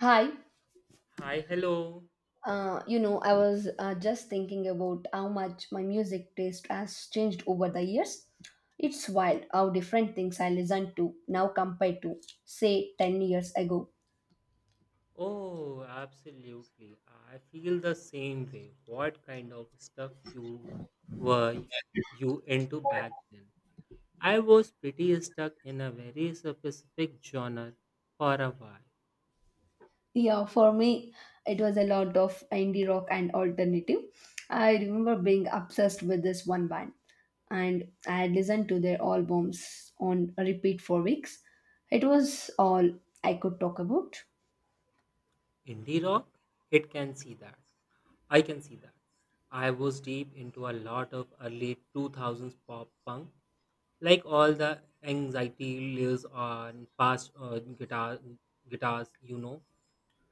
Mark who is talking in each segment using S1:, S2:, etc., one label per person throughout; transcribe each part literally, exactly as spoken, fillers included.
S1: Hi,
S2: Hi, hello.
S1: uh, you know, I was uh, just thinking about how much my music taste has changed over the years. It's wild how different things I listen to now compared to, say, ten years ago.
S2: Oh, absolutely. I feel the same way. What kind of stuff you were you into back then? I was pretty stuck in a very specific genre for a while.
S1: Yeah, for me, it was a lot of indie rock and alternative. I remember being obsessed with this one band, and I had listened to their albums on repeat for weeks. It was all I could talk about.
S2: Indie rock? It can see that. I can see that. I was deep into a lot of early two thousands pop punk like all the anxiety lives on fast uh, guitar guitars you know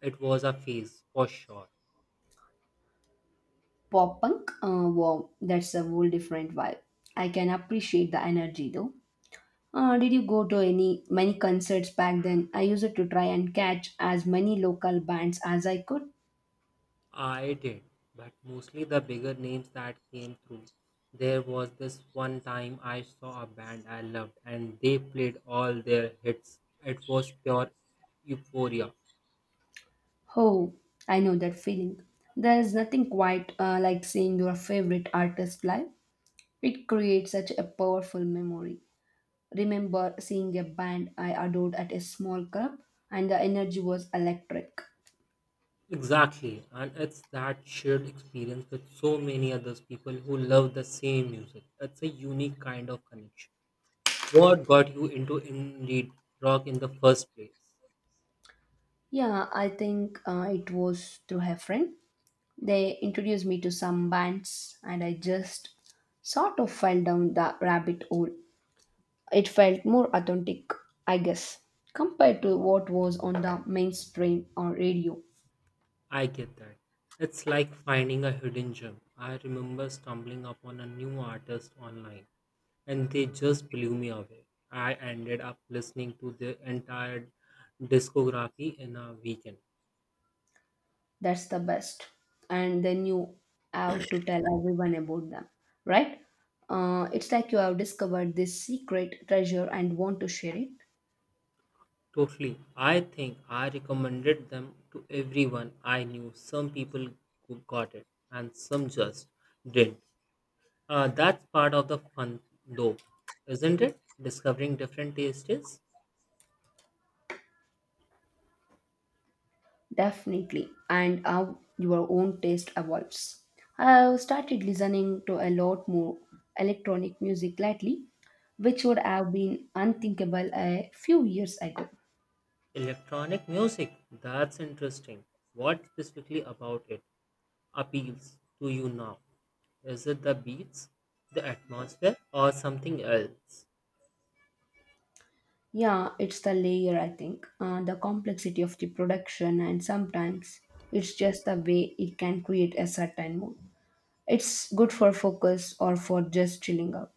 S2: It was a phase, for sure.
S1: Pop punk, uh, wow, that's a whole different vibe. I can appreciate the energy though. Uh, did you go to any many concerts back then? I used to try and catch as many local bands as I could.
S2: I did, but mostly the bigger names that came through. There was this one time I saw a band I loved and they played all their hits. It was pure euphoria.
S1: Oh, I know that feeling. There is nothing quite uh, like seeing your favorite artist live. It creates such a powerful memory. Remember seeing a band I adored at a small club, and the energy was electric.
S2: Exactly, and it's that shared experience with so many others people who love the same music. It's a unique kind of connection. What got you into indeed rock in the first place?
S1: Yeah, I think uh, it was through her friend. They introduced me to some bands, and I just sort of fell down the rabbit hole. It felt more authentic, I guess, compared to what was on the mainstream or radio.
S2: I get that. It's like finding a hidden gem. I remember stumbling upon a new artist online and they just blew me away. I ended up listening to their entire discography in a weekend.
S1: That's the best. And then you have to tell everyone about them, right? Uh, it's like you have discovered this secret treasure and want to share it.
S2: Totally. I think I recommended them to everyone I knew. Some people who got it and some just didn't. Uh, that's part of the fun, though, isn't it? Discovering different tastes.
S1: Definitely, and how your own taste evolves. I've started listening to a lot more electronic music lately, which would have been unthinkable a few years ago.
S2: Electronic music, that's interesting. What specifically about it appeals to you now? Is it the beats, the atmosphere, or something else?
S1: Yeah, it's the layer, I think, uh, the complexity of the production, and sometimes it's just the way it can create a certain mood. It's good for focus or for just chilling out.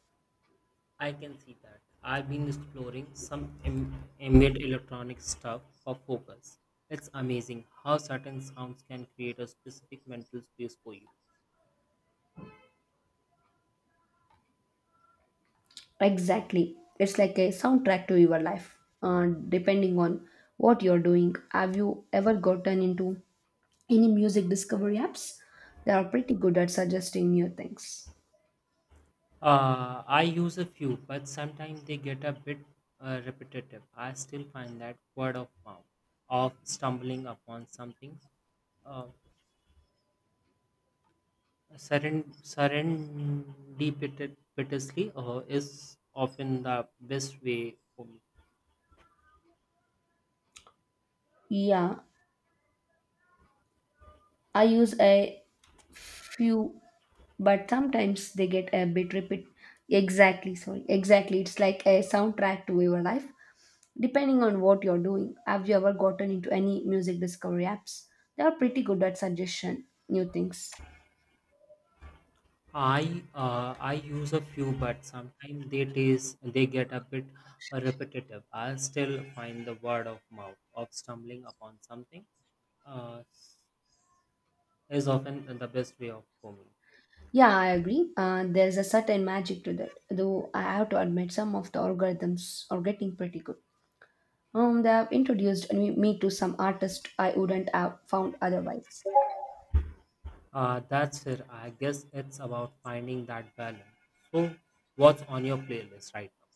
S2: I can see that. I've been exploring some am- ambient electronic stuff for focus. It's amazing how certain sounds can create a specific mental space for you.
S1: Exactly. It's like a soundtrack to your life, uh, depending on what you're doing. Have you ever gotten into any music discovery apps? They are pretty good at suggesting new things.
S2: Uh, I use a few, but sometimes they get a bit uh, repetitive. I still find that word of mouth of stumbling upon something uh, seren- serendipitously uh, is often the best way for me.
S1: Yeah, I use a few, but sometimes they get a bit repeat. Exactly, sorry. Exactly. It's like a soundtrack to your life, depending on what you're doing. Have you ever gotten into any music discovery apps? They are pretty good at suggestion new things.
S2: I uh, I use a few, but sometimes they taste they get a bit uh, repetitive. I still find the word of mouth of stumbling upon something. Uh, is often the best way of for me.
S1: Yeah, I agree. Uh, there's a certain magic to that, though I have to admit some of the algorithms are getting pretty good. Um, they have introduced me me to some artists I wouldn't have found otherwise.
S2: Uh, that's it. I guess it's about finding that balance. So, what's on your playlist right now?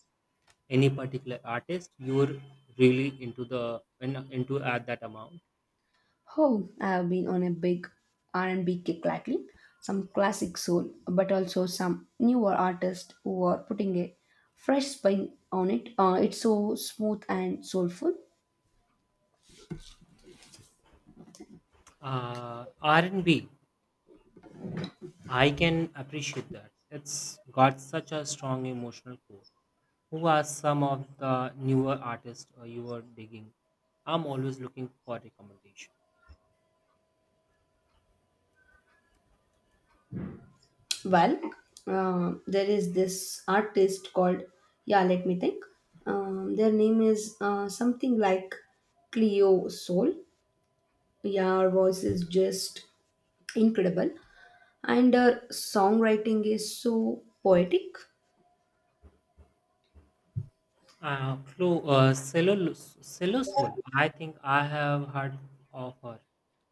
S2: Any particular artist you're really into the in- into at that amount?
S1: Oh, I have been on a big R and B kick lately. Some classic soul, but also some newer artists who are putting a fresh spin on it. Uh, it's so smooth and soulful.
S2: Uh, R and B. I can appreciate that. It's got such a strong emotional core. Who are some of the newer artists uh, you are digging? I'm always looking for recommendations.
S1: Well, uh, there is this artist called, yeah, let me think. Um, their name is uh, something like Cleo Soul. Yeah, her voice is just incredible. And her songwriting is so poetic.
S2: Uh, Flo, uh, Cellos, Celosol. I think I have heard of her.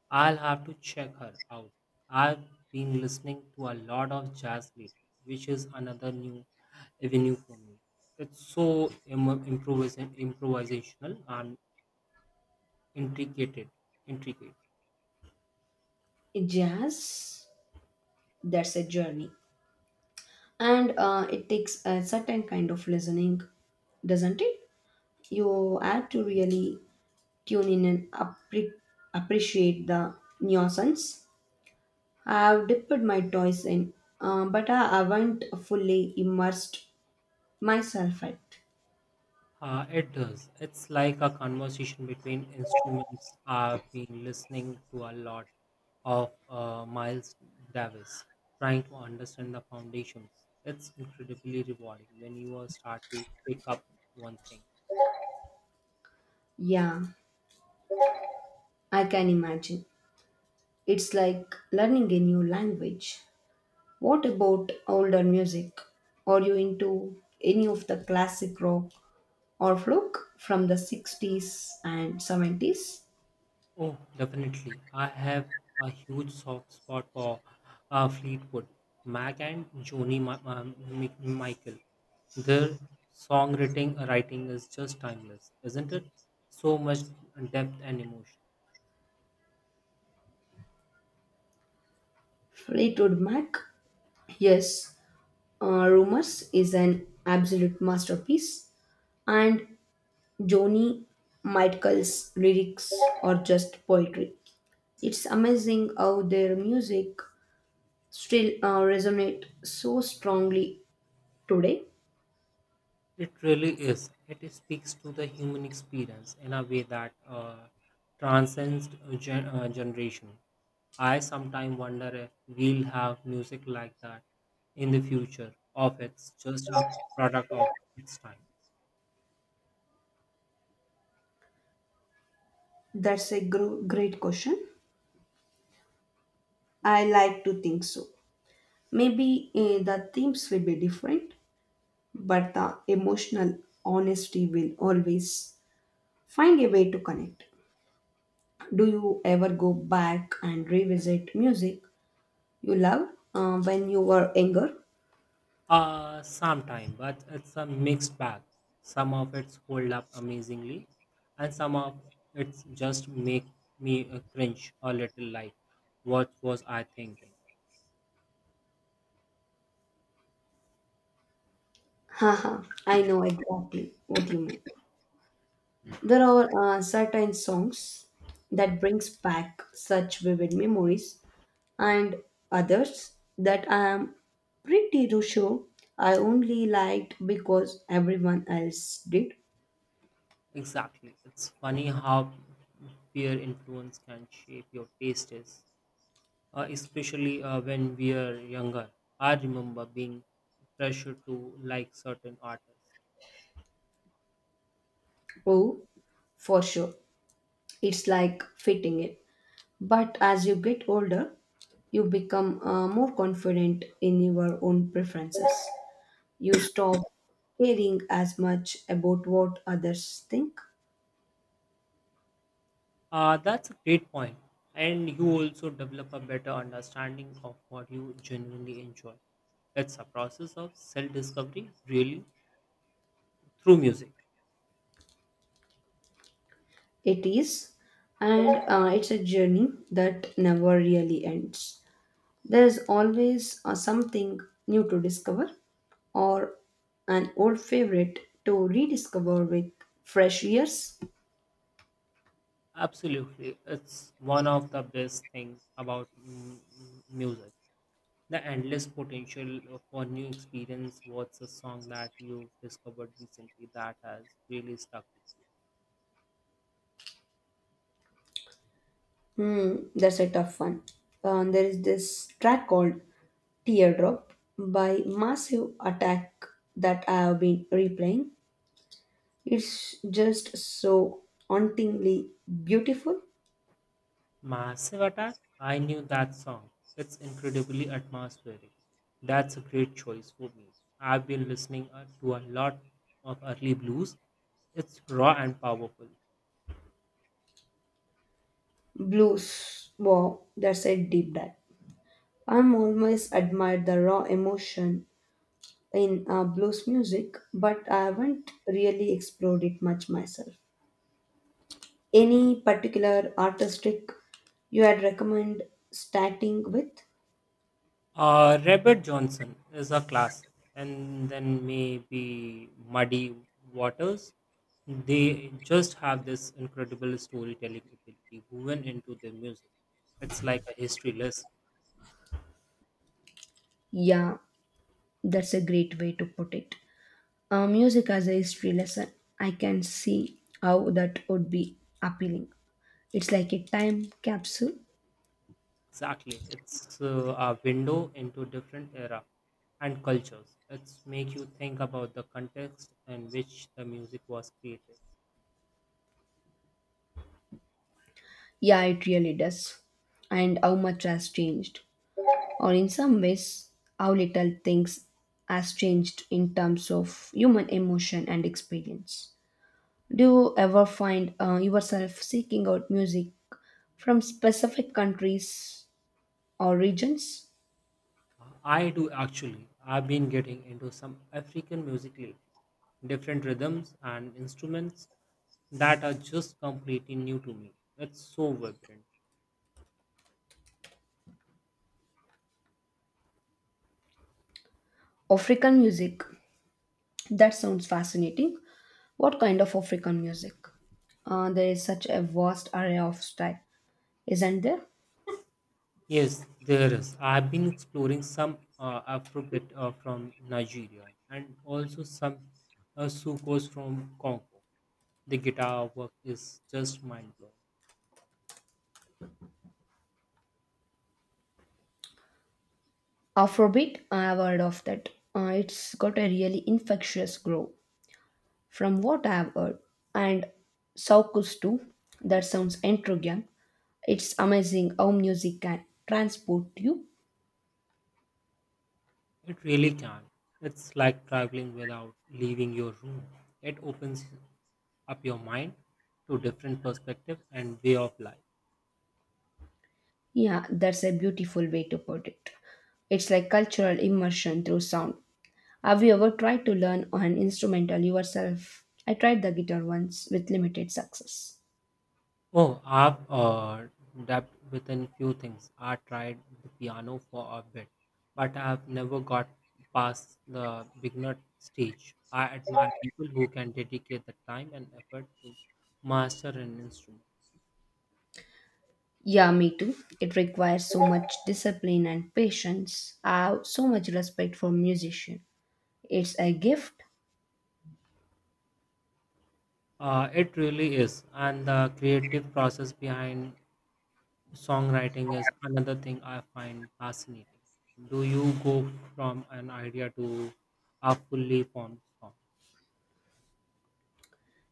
S2: I'll have to check her out. I've been listening to a lot of jazz lately, which is another new avenue for me. It's so Im- improvis- improvisational and intricate. Intricate.
S1: Jazz, that's a journey. And uh, it takes a certain kind of listening, doesn't it? You have to really tune in and appre- appreciate the nuisance. I've dipped my toys in, uh, but I haven't fully immersed myself yet.
S2: Uh, it does. It's like a conversation between instruments. I've been listening to a lot of uh, Miles Davis, trying to understand the foundations. It's incredibly rewarding when you uh, start to pick up one thing.
S1: Yeah, I can imagine. It's like learning a new language. What about older music? Are you into any of the classic rock or folk from the sixties and seventies?
S2: Oh, definitely. I have a huge soft spot for uh, Fleetwood Mac and Joni Ma- um, Mi- Michael. Their songwriting writing is just timeless, isn't it? So much depth and emotion.
S1: Fleetwood Mac? Yes, uh, Rumors is an absolute masterpiece, and Joni Mitchell's lyrics are just poetry. It's amazing how their music still uh, resonate so strongly today.
S2: It really is. It speaks to the human experience in a way that uh, transcends gen- uh, generation. I sometimes wonder if we'll have music like that in the future, or if it's just a product of its time.
S1: That's a gr- great question. I like to think so. Maybe eh, the themes will be different, but the emotional honesty will always find a way to connect. Do you ever go back and revisit music you love uh, when you were younger?
S2: Uh, sometime, but it's a mixed bag. Some of it's hold up amazingly, and some of it's just make me uh, cringe a little. Like, what was I thinking?
S1: Haha, I know exactly what you mean. There are uh, certain songs that brings back such vivid memories, and others that I am pretty to sure I only liked because everyone else did.
S2: Exactly. It's funny how peer influence can shape your tastes, uh, especially uh, when we are younger. I remember being pressured to like certain artists.
S1: Oh, for sure, it's like fitting it. But as you get older, you become uh, more confident in your own preferences. You stop caring as much about what others think.
S2: Uh, that's a great point. And you also develop a better understanding of what you genuinely enjoy. It's a process of self discovery, really, through music.
S1: It is, and uh, it's a journey that never really ends. There is always uh, something new to discover or an old favorite to rediscover with fresh ears.
S2: Absolutely. It's one of the best things about mm, music. The endless potential for new experience. What's a song that you've discovered recently that has really stuck with you?
S1: Hmm, that's a tough one. Um, there is this track called Teardrop by Massive Attack that I have been replaying. It's just so hauntingly beautiful.
S2: Massive Attack. I knew that song. It's incredibly atmospheric. That's a great choice for me. I've been listening uh, to a lot of early blues. It's raw and powerful.
S1: Blues wow, that's a deep dive. I'm always admired the raw emotion in uh, blues music, but I haven't really explored it much myself. Any particular artistic you had recommend starting with?
S2: Uh, Robert Johnson is a classic, and then maybe Muddy Waters. They just have this incredible storytelling ability woven into their music. It's like a history lesson.
S1: Yeah, that's a great way to put it. Uh, music as a history lesson, I can see how that would be appealing. It's like a time capsule.
S2: Exactly, it's uh, a window into different era and cultures. It's make you think about the context in which the music was created.
S1: Yeah, it really does. And how much has changed, or in some ways, how little things has changed in terms of human emotion and experience. Do you ever find uh, yourself seeking out music from specific countries or regions?
S2: I do actually. I've been getting into some African music lately, different rhythms and instruments that are just completely new to me. It's so vibrant.
S1: African music. That sounds fascinating. What kind of African music? Uh, there is such a vast array of style, isn't there?
S2: Yes, there is. I've been exploring some uh, Afrobeat uh, from Nigeria and also some uh, soukous from Congo. The guitar work is just mind blowing.
S1: Afrobeat, I have heard of that. Uh, it's got a really infectious groove, from what I have heard. And Soukous too. That sounds intriguing. It's amazing how music can transport you.
S2: It really can. It's like traveling without leaving your room. It opens up your mind to different perspective and way of life.
S1: Yeah, that's a beautiful way to put it. It's like cultural immersion through sound. Have you ever tried to learn an instrumental yourself? I tried the guitar once with limited success.
S2: Oh, I've uh, dabbled within few things. I tried the piano for a bit, but I've never got past the beginner stage. I admire people who can dedicate the time and effort to master an instrument.
S1: Yeah, me too. It requires so much discipline and patience. I have so much respect for musician. It's a gift.
S2: Uh, it really is, and the creative process behind songwriting is another thing I find fascinating. Do you go from an idea to a fully formed song?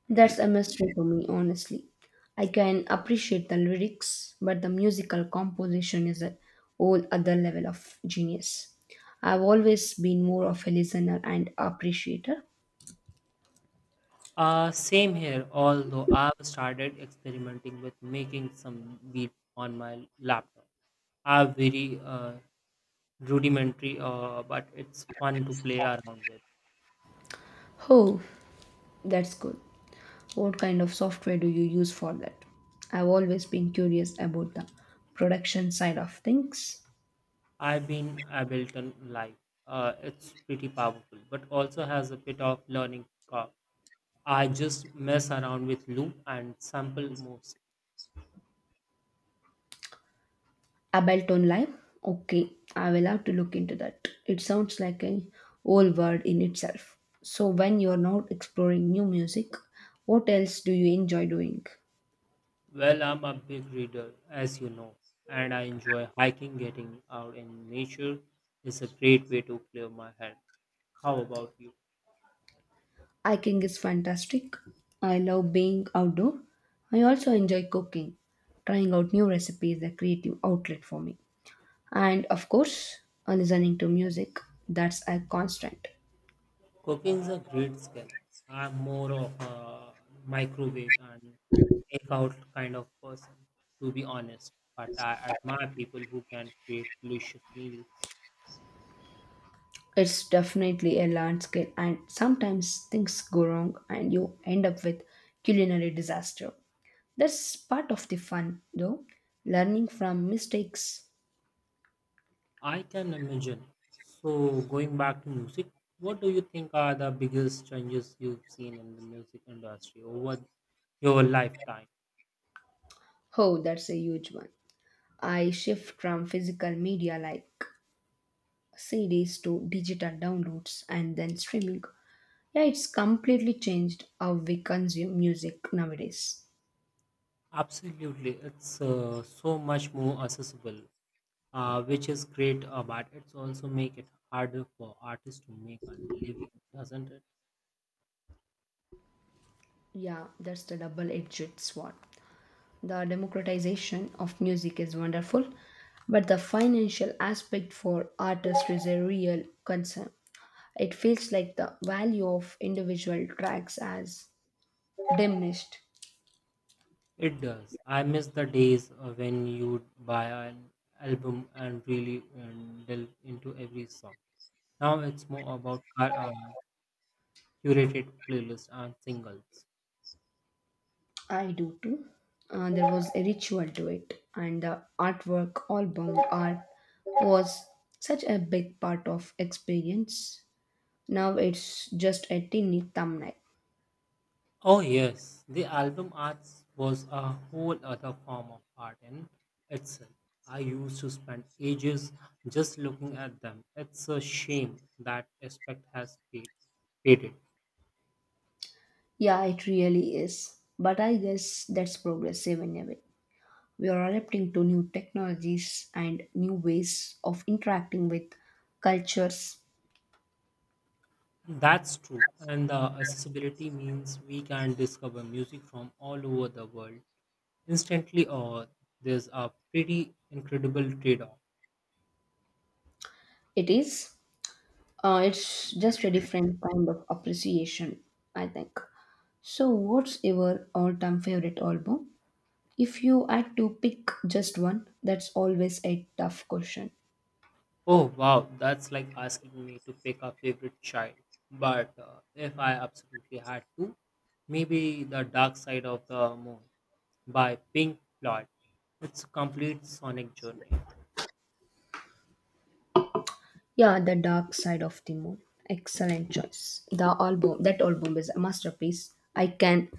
S1: That's a mystery for me, honestly. I can appreciate the lyrics, but the musical composition is a whole other level of genius. I've always been more of a listener and appreciator.
S2: Uh, same here, although I've started experimenting with making some beat on my laptop. Are very uh, rudimentary, uh, but it's fun to play around with.
S1: Oh, that's good. What kind of software do you use for that? I've always been curious about the production side of things.
S2: I've been Ableton Live. Uh, it's pretty powerful, but also has a bit of learning curve. I just mess around with loop and sample moves.
S1: Ableton Live? Okay, I will have to look into that. It sounds like a whole world in itself. So, when you're not exploring new music, what else do you enjoy doing?
S2: Well, I'm a big reader, as you know, and I enjoy hiking. Getting out in nature is a great way to clear my head. How about you?
S1: Hiking is fantastic. I love being outdoor. I also enjoy cooking. Trying out new recipes is a creative outlet for me. And of course, uh, listening to music, that's a constant.
S2: Cooking is a great skill. I'm more of a microwave and takeout kind of person, to be honest. But I admire people who can create delicious meals.
S1: It's definitely a large scale, and sometimes things go wrong and you end up with culinary disaster. That's part of the fun, though. Learning from mistakes.
S2: I can imagine. So, going back to music, what do you think are the biggest changes you've seen in the music industry over your lifetime?
S1: Oh, that's a huge one. I shift from physical media like C Ds to digital downloads and then streaming. Yeah, it's completely changed how we consume music nowadays.
S2: Absolutely, it's uh, so much more accessible, uh, which is great, uh, but it's also make it harder for artists to make a living, doesn't it?
S1: Yeah, that's the double edged sword. The democratization of music is wonderful, but the financial aspect for artists is a real concern. It feels like the value of individual tracks has diminished.
S2: It does. I miss the days uh, when you'd buy an album and really um, delve into every song. Now it's more about cu- uh, curated playlists and singles.
S1: I do too. Uh, there was a ritual to it, and the artwork, album art, was such a big part of experience. Now it's just a tiny thumbnail.
S2: Oh, yes, the album art was a whole other form of art in itself. I used to spend ages just looking at them. It's a shame that aspect has fade- faded.
S1: Yeah, it really is. But I guess that's progressive in a way. We are adapting to new technologies and new ways of interacting with cultures.
S2: That's true, and the accessibility means we can discover music from all over the world instantly, or there's a pretty incredible trade off.
S1: It is, uh, it's just a different kind of appreciation, I think. So, what's your all time favorite album? If you had to pick just one, that's always a tough question.
S2: Oh wow, that's like asking me to pick a favorite child. But uh, if I absolutely had to, maybe The Dark Side of the Moon by Pink Floyd. It's a complete sonic journey.
S1: Yeah, The Dark Side of the Moon. Excellent choice. The album, that album is a masterpiece. I can.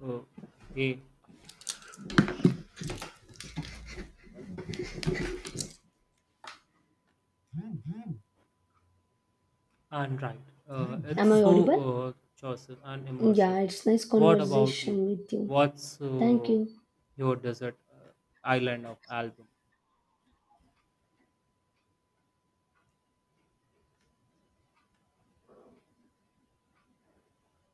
S2: Oh, hey, and right. Uh,
S1: Am
S2: it's
S1: I
S2: so
S1: audible?
S2: uh, choices and immersive.
S1: Yeah, it's nice
S2: What about you?
S1: conversation with you.
S2: What's
S1: Thank
S2: uh,
S1: you.
S2: your desert uh, island of album?